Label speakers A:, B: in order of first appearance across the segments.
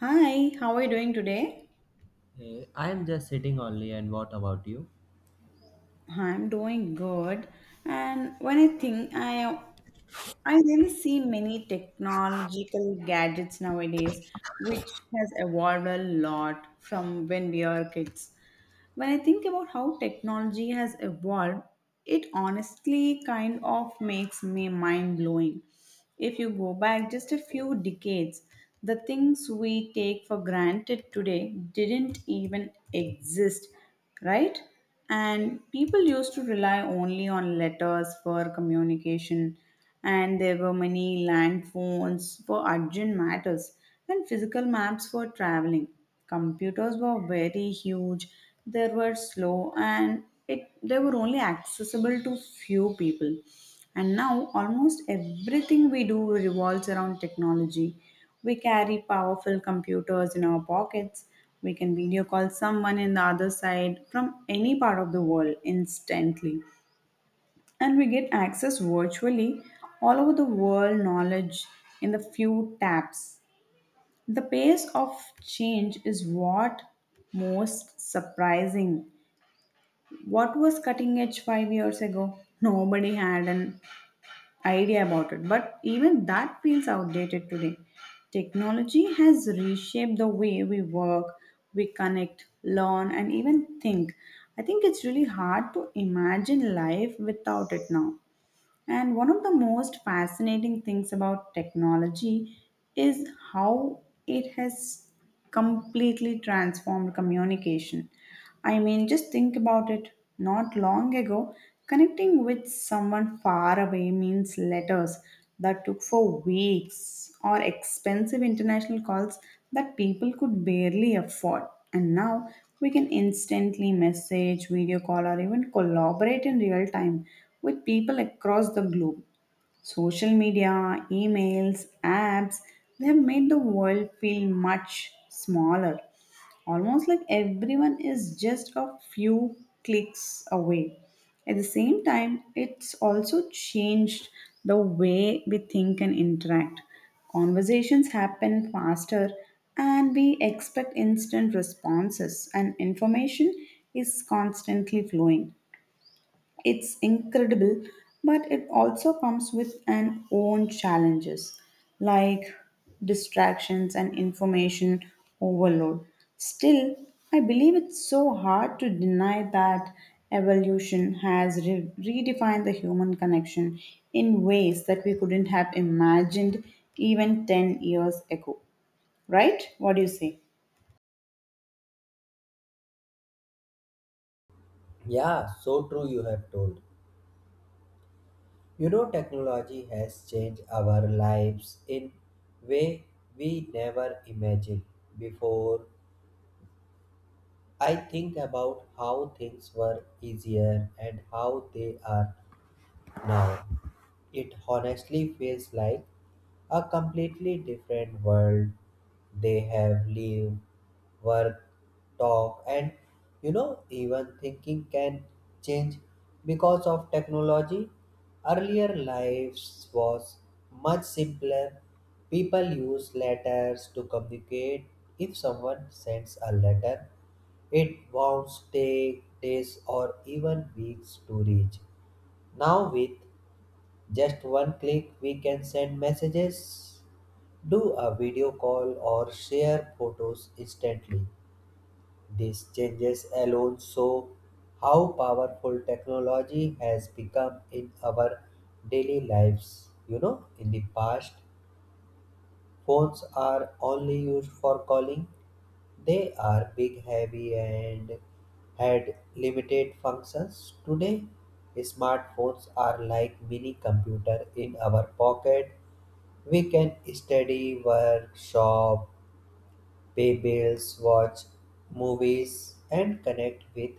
A: Hi, how are you doing today?
B: I am just sitting only, and what about you?
A: I'm doing good. And when I think I really see many technological gadgets nowadays which has evolved a lot from when we are kids. When I think about how technology has evolved, it honestly kind of makes me mind blowing. If you go back just a few decades, the things we take for granted today didn't even exist, right? And people used to rely only on letters for communication, and there were many land phones for urgent matters and physical maps for traveling. Computers were very huge, they were slow, and it they were only accessible to few people. And now almost everything we do revolves around technology. We carry powerful computers in our pockets. We can video call someone in the other side from any part of the world instantly. And we get access virtually all over the world knowledge in the few taps. The pace of change is what most surprising. What was cutting edge 5 years ago? Nobody had an idea about it. But even that feels outdated today. Technology has reshaped the way we work, we connect, learn, and even think. I think it's really hard to imagine life without it now. And one of the most fascinating things about technology is how it has completely transformed communication. I mean, just think about it. Not long ago, connecting with someone far away means letters that took for weeks or expensive international calls that people could barely afford. And now we can instantly message, video call, or even collaborate in real time with people across the globe. Social media, emails, apps, they have made the world feel much smaller, almost like everyone is just a few clicks away. At the same time, it's also changed the way we think and interact. Conversations happen faster, and we expect instant responses, and information is constantly flowing. It's incredible, but it also comes with an own challenges like distractions and information overload. Still, I believe it's so hard to deny that evolution has redefined the human connection in ways that we couldn't have imagined even 10 years ago. Right? What do you say?
B: Yeah, so true you have told. You know, technology has changed our lives in way we never imagined before. I think about how things were easier and how they are now. It honestly feels like a completely different world they have lived, work, talk, and you know, even thinking can change because of technology. Earlier lives was much simpler. People use letters to communicate. If someone sends a letter, it won't take days or even weeks to reach. Now, with just one click, we can send messages, do a video call, or share photos instantly. These changes alone show how powerful technology has become in our daily lives. You know, in the past, phones are only used for calling. They are big, heavy, and had limited functions. Today, smartphones are like mini computer in our pocket. We can study, work, shop, pay bills, watch movies, and connect with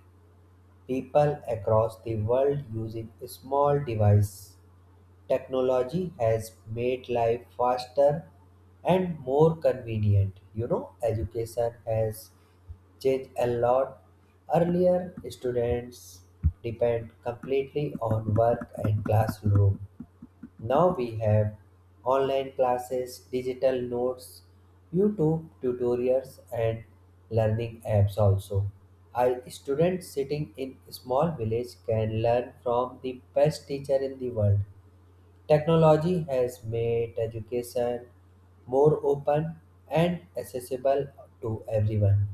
B: people across the world using small device. Technology has made life faster and more convenient. You know, education has changed a lot. Earlier students depend completely on work and classroom. Now we have online classes, digital notes, YouTube tutorials, and learning apps also. A student sitting in small village can learn from the best teacher in the world. Technology has made education more open and accessible to everyone.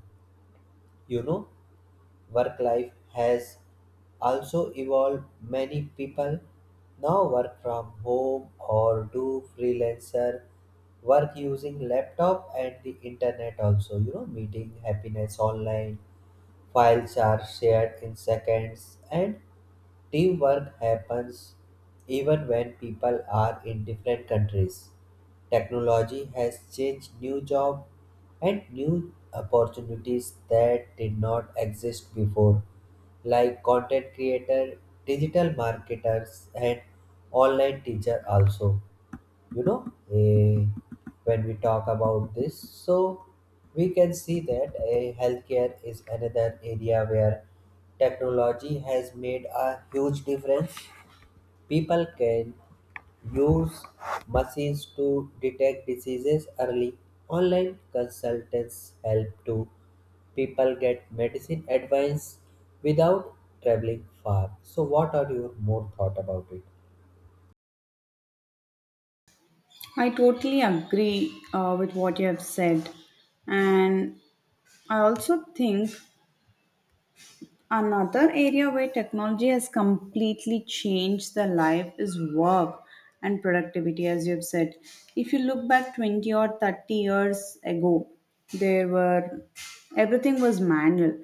B: You know, work life has also evolved. Many people now work from home or do freelancer work using laptop and the internet also. You know, meeting happiness online. Files are shared in seconds and teamwork happens even when people are in different countries. Technology has changed new jobs and new opportunities that did not exist before, like content creator, digital marketers, and online teacher also. You know, when we talk about this, so we can see that a healthcare is another area where technology has made a huge difference. People can use machines to detect diseases early. Online consultants help to people get medicine advice without traveling far. So what are your more thought about it?
A: I totally agree with what you have said. And I also think another area where technology has completely changed the life is work and productivity, as you've said. If you look back 20 or 30 years ago, there were everything was manual,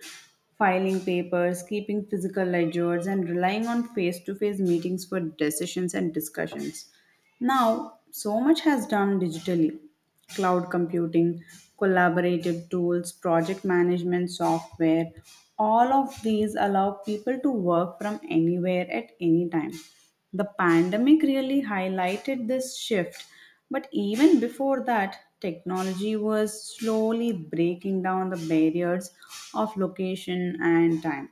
A: filing papers, keeping physical ledgers, and relying on face to face meetings for decisions and discussions. Now, so much has done digitally. Cloud computing, collaborative tools, project management software, all of these allow people to work from anywhere at any time. The pandemic really highlighted this shift, but even before that, technology was slowly breaking down the barriers of location and time.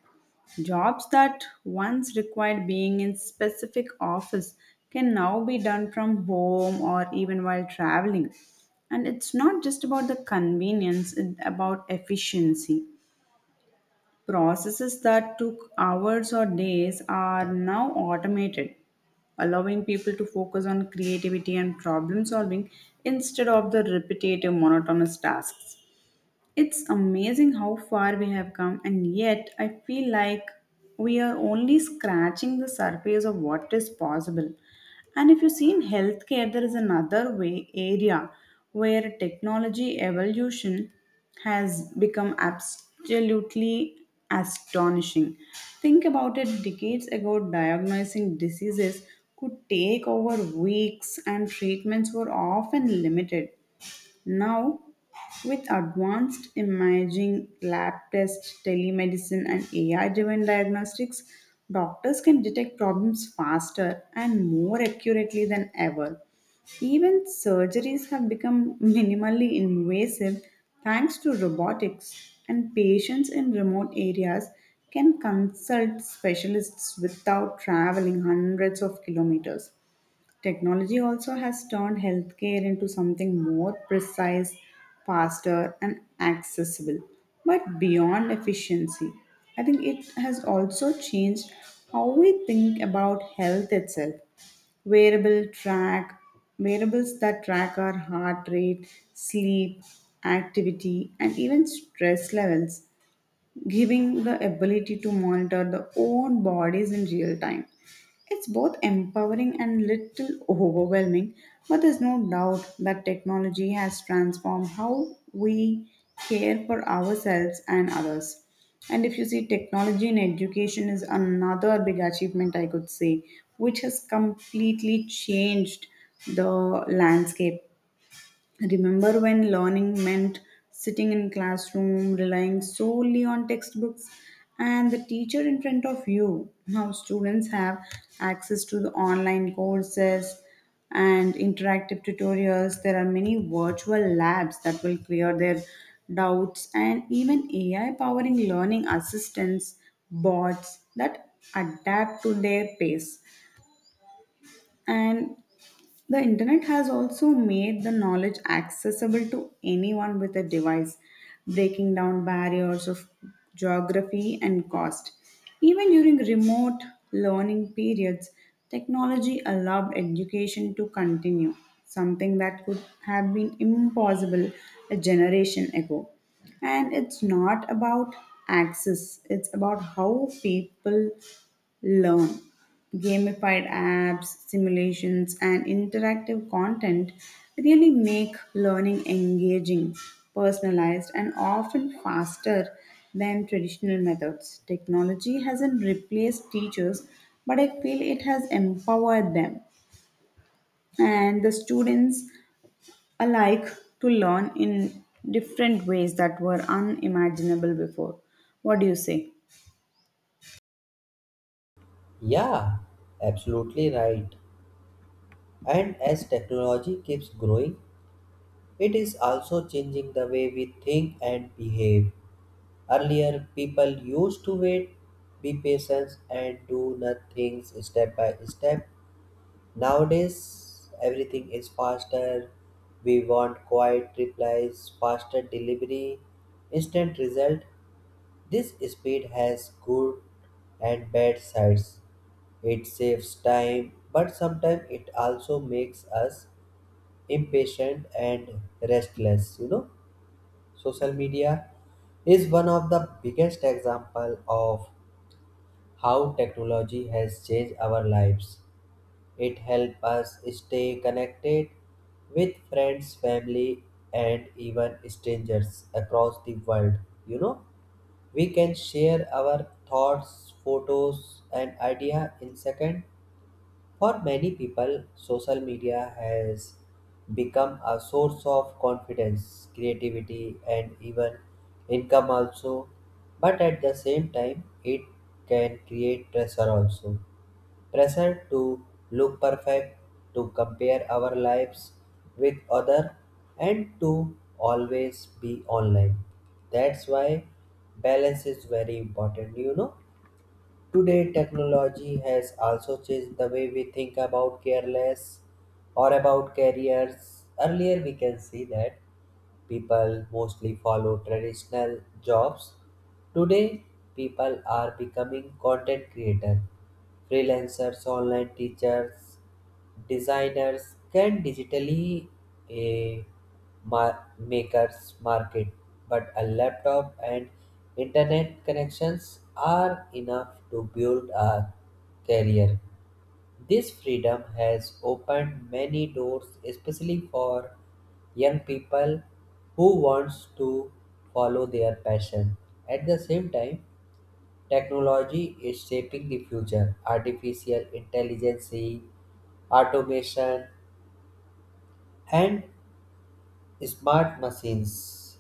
A: Jobs that once required being in specific office can now be done from home or even while traveling. And it's not just about the convenience, it's about efficiency. Processes that took hours or days are now automated, allowing people to focus on creativity and problem solving instead of the repetitive monotonous tasks. It's amazing how far we have come, and yet I feel like we are only scratching the surface of what is possible. And if you see in healthcare, there is another way area where technology evolution has become absolutely astonishing. Think about it, decades ago, diagnosing diseases could take over weeks, and treatments were often limited. Now, with advanced imaging, lab tests, telemedicine, and AI driven diagnostics, doctors can detect problems faster and more accurately than ever. Even surgeries have become minimally invasive thanks to robotics, and patients in remote areas can consult specialists without traveling hundreds of kilometers. Technology also has turned healthcare into something more precise, faster, and accessible. But beyond efficiency, I think it has also changed how we think about health itself. Wearable track, wearables that track our heart rate, sleep, activity, and even stress levels giving the ability to monitor the own bodies in real time. It's both empowering and little overwhelming, but there's no doubt that technology has transformed how we care for ourselves and others. And if you see, technology in education is another big achievement, I could say, which has completely changed the landscape. Remember when learning meant sitting in classroom, relying solely on textbooks and the teacher in front of you? Now students have access to the online courses and interactive tutorials. There are many virtual labs that will clear their doubts and even AI powering learning assistants, bots that adapt to their pace. And the internet has also made the knowledge accessible to anyone with a device, breaking down barriers of geography and cost. Even during remote learning periods, technology allowed education to continue, something that could have been impossible a generation ago. And it's not about access, it's about how people learn. Gamified apps, simulations, and interactive content really make learning engaging, personalized, and often faster than traditional methods. Technology hasn't replaced teachers, but I feel it has empowered them and the students I like to learn in different ways that were unimaginable before. What do you say?
B: Yeah, absolutely right. And as technology keeps growing, it is also changing the way we think and behave. Earlier, people used to wait, be patient, and do nothing step by step. Nowadays, everything is faster. We want quiet replies, faster delivery, instant result. This speed has good and bad sides. It saves time, but sometimes it also makes us impatient and restless. You know, social media is one of the biggest example of how technology has changed our lives. It helps us stay connected with friends, family, and even strangers across the world. You know, we can share our thoughts, photos, and idea in second. For many people, social media has become a source of confidence, creativity, and even income also. But at the same time, it can create pressure also. Pressure to look perfect, to compare our lives with other, and to always be online. That's why balance is very important, you know. Today, technology has also changed the way we think about careless or about careers. Earlier, we can see that people mostly follow traditional jobs. Today, people are becoming content creators, freelancers, online teachers, designers, can digitally a makers market, but a laptop and internet connections are enough to build a career. This freedom has opened many doors especially for young people who wants to follow their passion. At the same time, technology is shaping the future. Artificial intelligence, automation, and smart machines,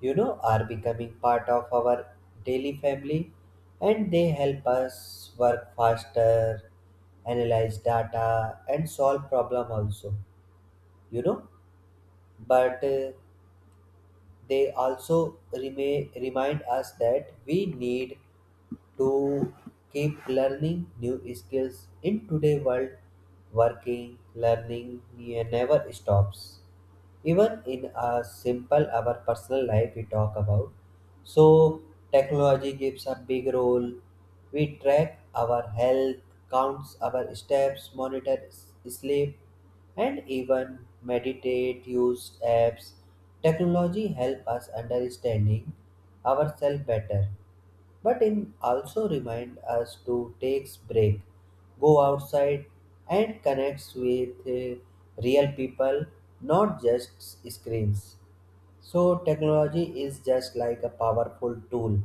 B: you know, are becoming part of our daily family, and they help us work faster, analyze data, and solve problem also. You know, but they also remind us that we need to keep learning new skills in today's world. Working, learning, yeah, never stops. Even in a simple our personal life we talk about, so technology gives a big role. We track our health, counts our steps, monitor sleep, and even meditate use apps. Technology help us understanding ourselves better, but it also reminds us to take break, go outside, and connect with real people, not just screens. So technology is just like a powerful tool.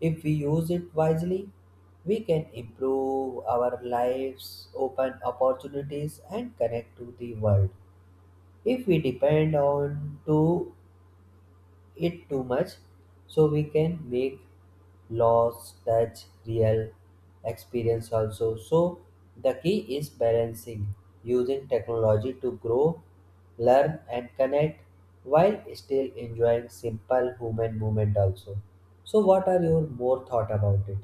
B: If we use it wisely, we can improve our lives, open opportunities, and connect to the world. If we depend on to it too much, so we can make laws touch real experience also. So the key is balancing, using technology to grow, learn, and connect while still enjoying simple human movement also. So what are your more thought about it?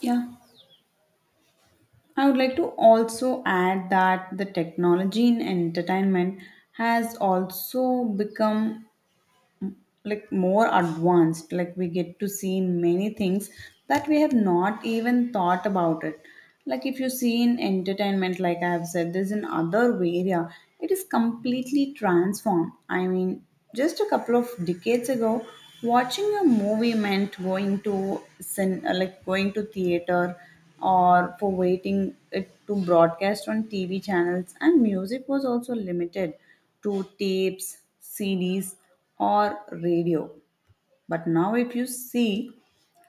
A: Yeah, I would like to also add that the technology in entertainment has also become like more advanced, like we get to see many things that we have not even thought about it. Like if you see in entertainment, like I have said, there's an other area, it is completely transformed. I mean, just a couple of decades ago, watching a movie meant going to like going to theater or for waiting it to broadcast on TV channels, and music was also limited to tapes, CDs, or radio. But now, if you see,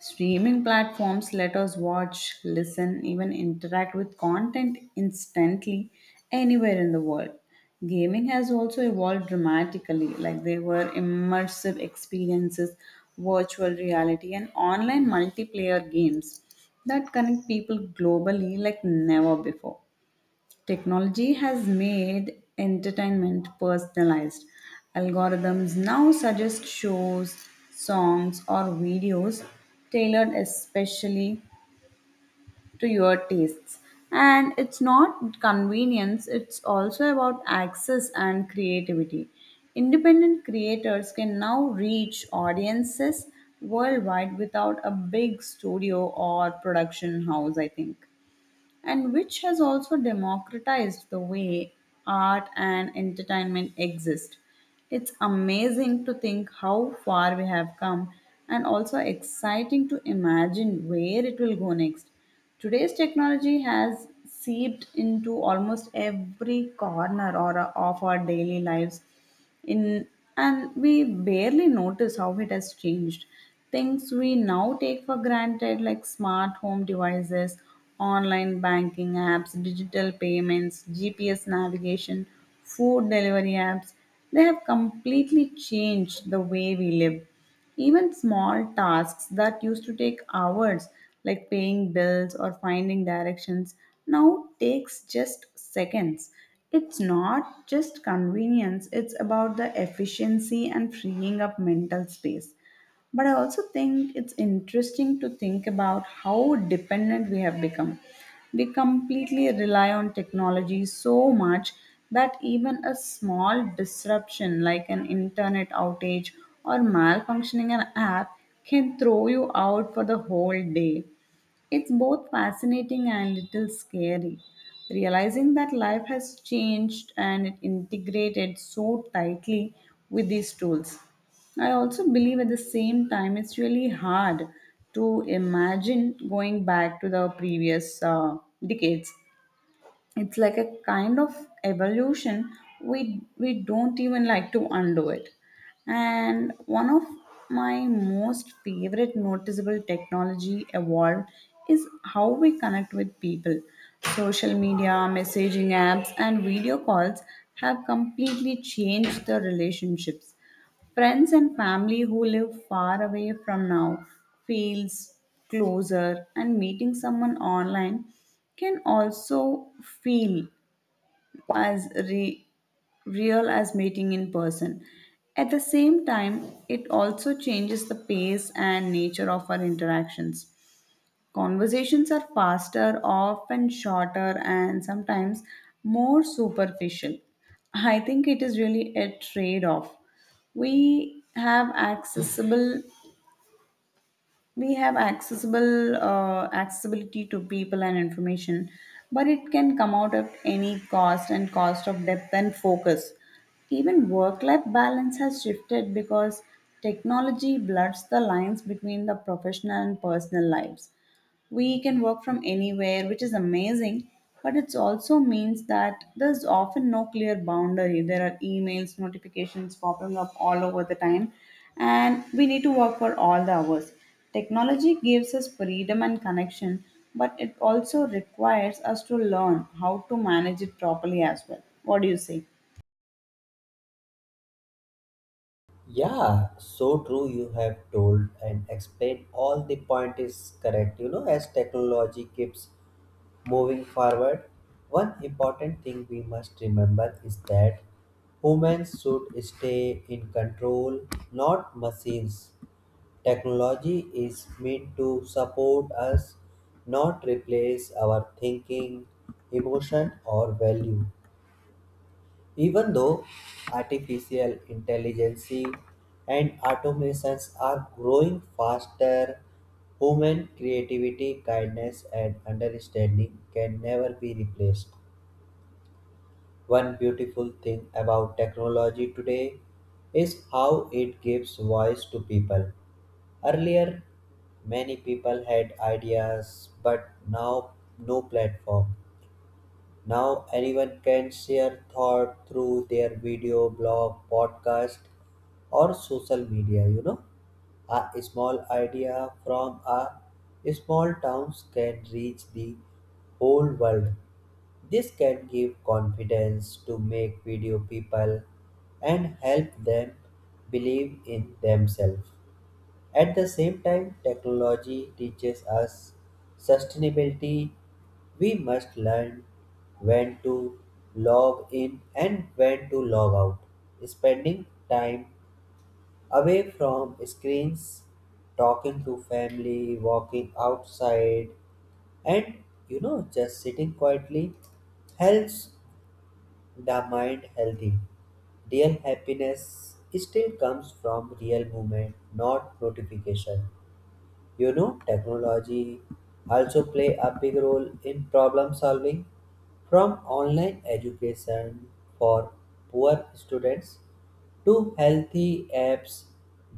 A: streaming platforms let us watch, listen, even interact with content instantly anywhere in the world. Gaming has also evolved dramatically, like there were immersive experiences, virtual reality, and online multiplayer games that connect people globally like never before. Technology has made entertainment personalized. Algorithms now suggest shows, songs, or videos tailored especially to your tastes. And it's not convenience, it's also about access and creativity. Independent creators can now reach audiences worldwide without a big studio or production house, I think, and which has also democratized the way art and entertainment exist. It's amazing to think how far we have come and also exciting to imagine where it will go next. Today's technology has seeped into almost every corner or of our daily lives in and we barely notice how it has changed. Things we now take for granted, like smart home devices, online banking apps, digital payments, GPS navigation, food delivery apps, they have completely changed the way we live. Even small tasks that used to take hours, like paying bills or finding directions, now takes just seconds. It's not just convenience, it's about the efficiency and freeing up mental space. But I also think it's interesting to think about how dependent we have become. We completely rely on technology so much that even a small disruption like an internet outage or malfunctioning an app can throw you out for the whole day. It's both fascinating and little scary, realizing that life has changed and it integrated so tightly with these tools. I also believe at the same time it's really hard to imagine going back to the previous decades. It's like a kind of evolution we don't even like to undo it. And one of my most favorite noticeable technology evolved is how we connect with people. Social media, messaging apps, and video calls have completely changed the relationships. Friends and family who live far away from now feels closer, and meeting someone online can also feel as real as meeting in person. At the same time, it also changes the pace and nature of our interactions. Conversations are faster, often shorter, and sometimes more superficial. I think it is really a trade off. We have accessible we have accessible accessibility to people and information, but it can come out at any cost and cost of depth and focus. Even work life balance has shifted because technology blurs the lines between the professional and personal lives. We can work from anywhere, which is amazing, but it also means that there's often no clear boundary. There are emails notifications popping up all over the time, and we need to work for all the hours. Technology gives us freedom and connection, but it also requires us to learn how to manage it properly as well. What do you say?
B: Yeah, so true you have told and explained all the point is correct. You know, as technology keeps moving forward, one important thing we must remember is that humans should stay in control, not machines. Technology is meant to support us, not replace our thinking, emotion, or value. Even though artificial intelligence and automations are growing faster, human creativity, kindness, and understanding can never be replaced. One beautiful thing about technology today is how it gives voice to people. Earlier, many people had ideas, but now no platform. Now anyone can share thought through their video, blog, podcast, or social media. You know, a small idea from a small towns can reach the whole world. This can give confidence to make video people and help them believe in themselves. At the same time, technology teaches us sustainability. We must learn when to log in and when to log out. Spending time away from screens, talking to family, walking outside, and you know, just sitting quietly helps the mind healthy. Real happiness still comes from real movement, not notification. You know, technology also play a big role in problem solving, from online education for poor students to healthy apps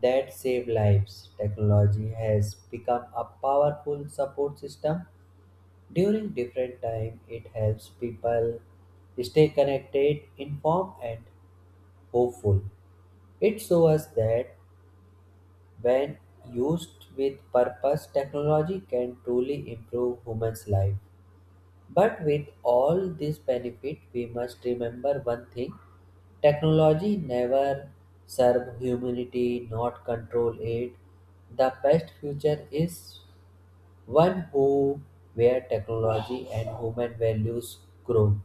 B: that save lives. Technology has become a powerful support system during different time. It helps people stay connected, informed, and hopeful. It shows us that when used with purpose, technology can truly improve humans' life. But with all this benefit, we must remember one thing: technology never serve humanity, not control it. The best future is one who where technology and human values grow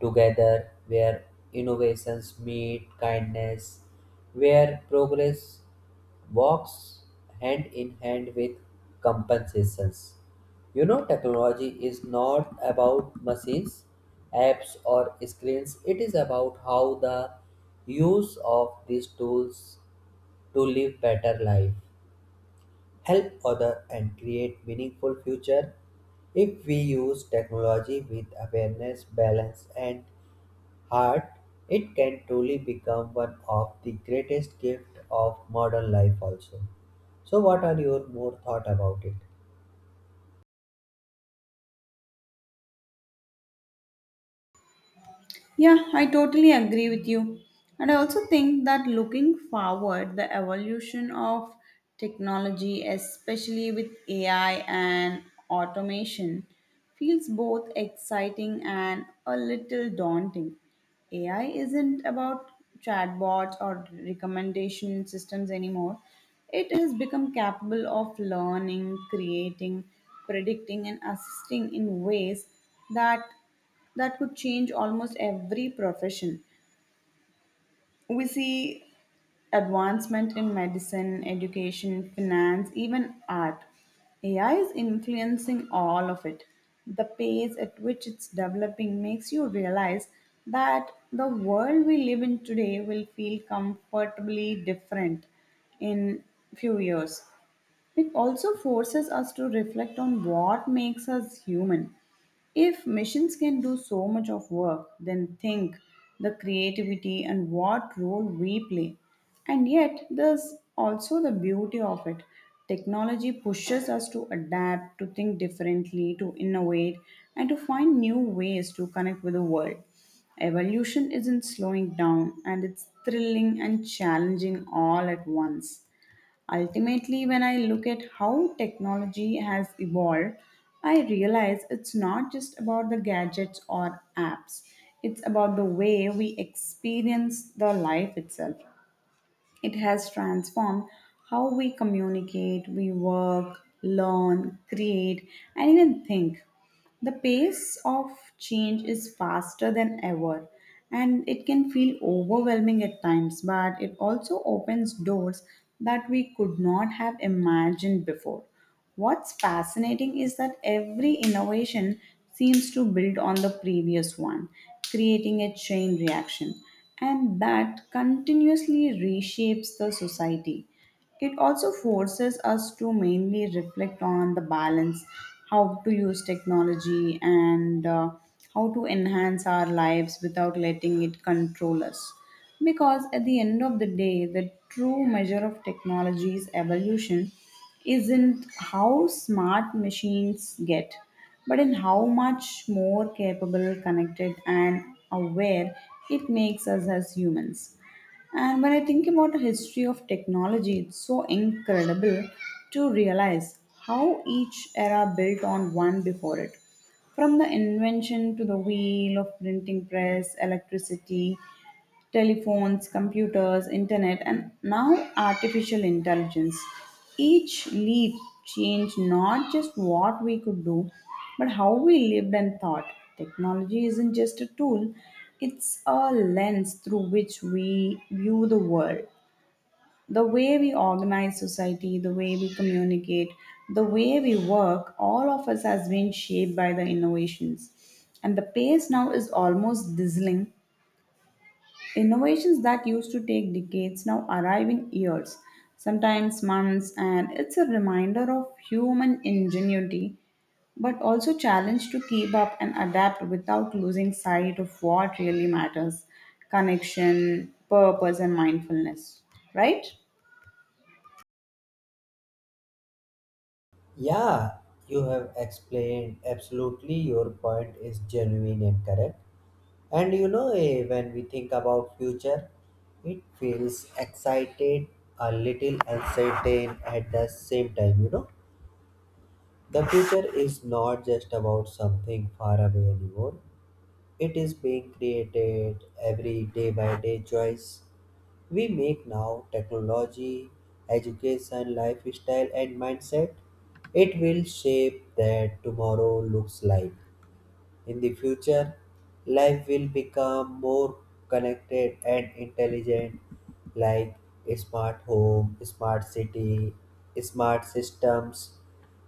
B: together, where innovations meet kindness, where progress walks hand in hand with compensations. You know, technology is not about machines, apps, or screens, it is about how the use of these tools to live better life, help others, and create meaningful future. If we use technology with awareness, balance, and heart, it can truly become one of the greatest gift of modern life also. So what are your more thought about it?
A: Yeah, I totally agree with you. And I also think that looking forward, the evolution of technology, especially with AI and automation, feels both exciting and a little daunting. AI isn't about chatbots or recommendation systems anymore. It has become capable of learning, creating, predicting, and assisting in ways that that could change almost every profession. We see advancement in medicine, education, finance, even art. AI is influencing all of it. The pace at which it's developing makes you realize that the world we live in today will feel comfortably different in few years. It also forces us to reflect on what makes us human. If machines can do so much of work, then think the creativity and what role we play. And yet, there's also the beauty of it. Technology pushes us to adapt, to think differently, to innovate, and to find new ways to connect with the world. Evolution isn't slowing down, and it's thrilling and challenging all at once. Ultimately, when I look at how technology has evolved, I realize it's not just about the gadgets or apps, it's about the way we experience the life itself. It has transformed how we communicate, we work, learn, create, and even think. The pace of change is faster than ever, and it can feel overwhelming at times, but it also opens doors that we could not have imagined before. What's fascinating is that every innovation seems to build on the previous one, creating a chain reaction, and that continuously reshapes the society. It also forces us to mainly reflect on the balance, how to use technology, and how to enhance our lives without letting it control us. Because at the end of the day, the true measure of technology's evolution isn't how smart machines get, but in how much more capable, connected, and aware it makes us as humans. And when I think about the history of technology, it's so incredible to realize how each era built on one before it. From the invention to the wheel of printing press, electricity, telephones, computers, internet, and now artificial intelligence. Each leap changed not just what we could do, but how we lived and thought. Technology isn't just a tool, it's a lens through which we view the world. The way we organize society, the way we communicate, the way we work, all of us has been shaped by the innovations, and the pace now is almost dizzying. Innovations that used to take decades now arriving years, sometimes months, and it's a reminder of human ingenuity, but also challenge to keep up and adapt without losing sight of what really matters, connection, purpose, and mindfulness. Right?
B: Yeah, you have explained absolutely. Your point is genuine and correct. And you know, when we think about future, it feels excited, a little uncertain at the same time. You know, the future is not just about something far away anymore. It is being created every day by day choice we make now. Technology, education, lifestyle, and mindset, it will shape that tomorrow looks like. In the future, life will become more connected and intelligent, like a smart home, smart city, smart systems.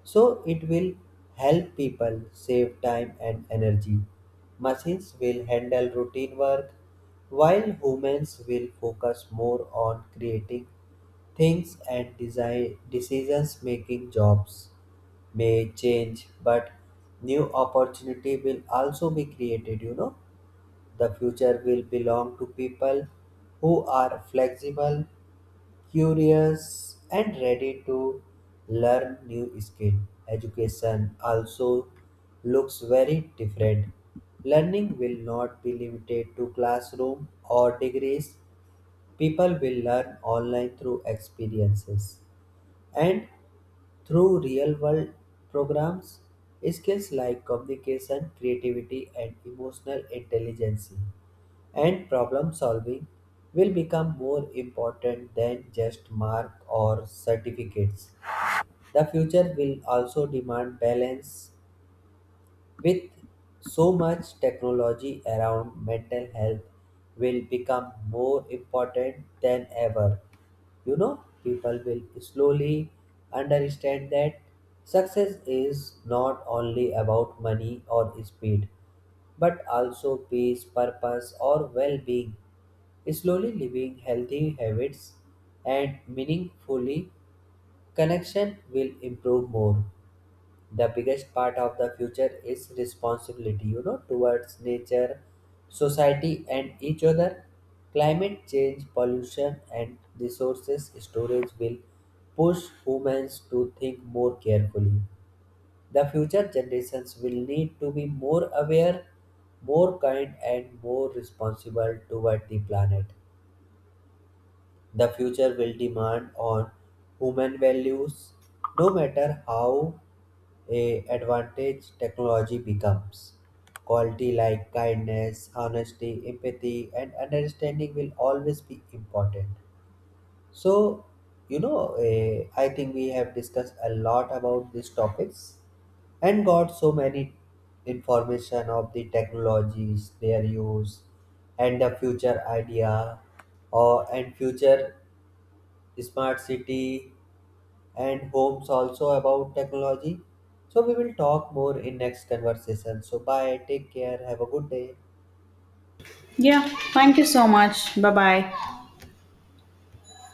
B: So it will help people save time and energy. Machines will handle routine work while humans will focus more on creating things and design decisions making. Jobs may change, but new opportunity will also be created. You know, the future will belong to people who are flexible, curious, and ready to learn new skill. Education also looks very different. Learning will not be limited to classroom or degrees. People will learn online through experiences and through real world programs. Skills like communication, creativity, and emotional intelligence and problem solving will become more important than just marks or certificates. The future will also demand balance. With so much technology around, mental health will become more important than ever. You know, people will slowly understand that success is not only about money or speed, but also peace, purpose, or well-being. Slowly living healthy habits and meaningfully connection will improve more. The biggest part of the future is responsibility, you know, towards nature, society, and each other. Climate change, pollution, and resources storage will push humans to think more carefully. The future generations will need to be more aware, more kind, and more responsible toward the planet. The future will demand on human values, no matter how a advantage technology becomes. Quality like kindness, honesty, empathy, and understanding will always be important. So, you know, I think we have discussed a lot about these topics and got so many information of the technologies, their use, and the future idea, or and future smart city and homes also about technology. So we will talk more in next conversation. So bye, take care, have a good day.
A: Yeah, thank you so much. Bye bye.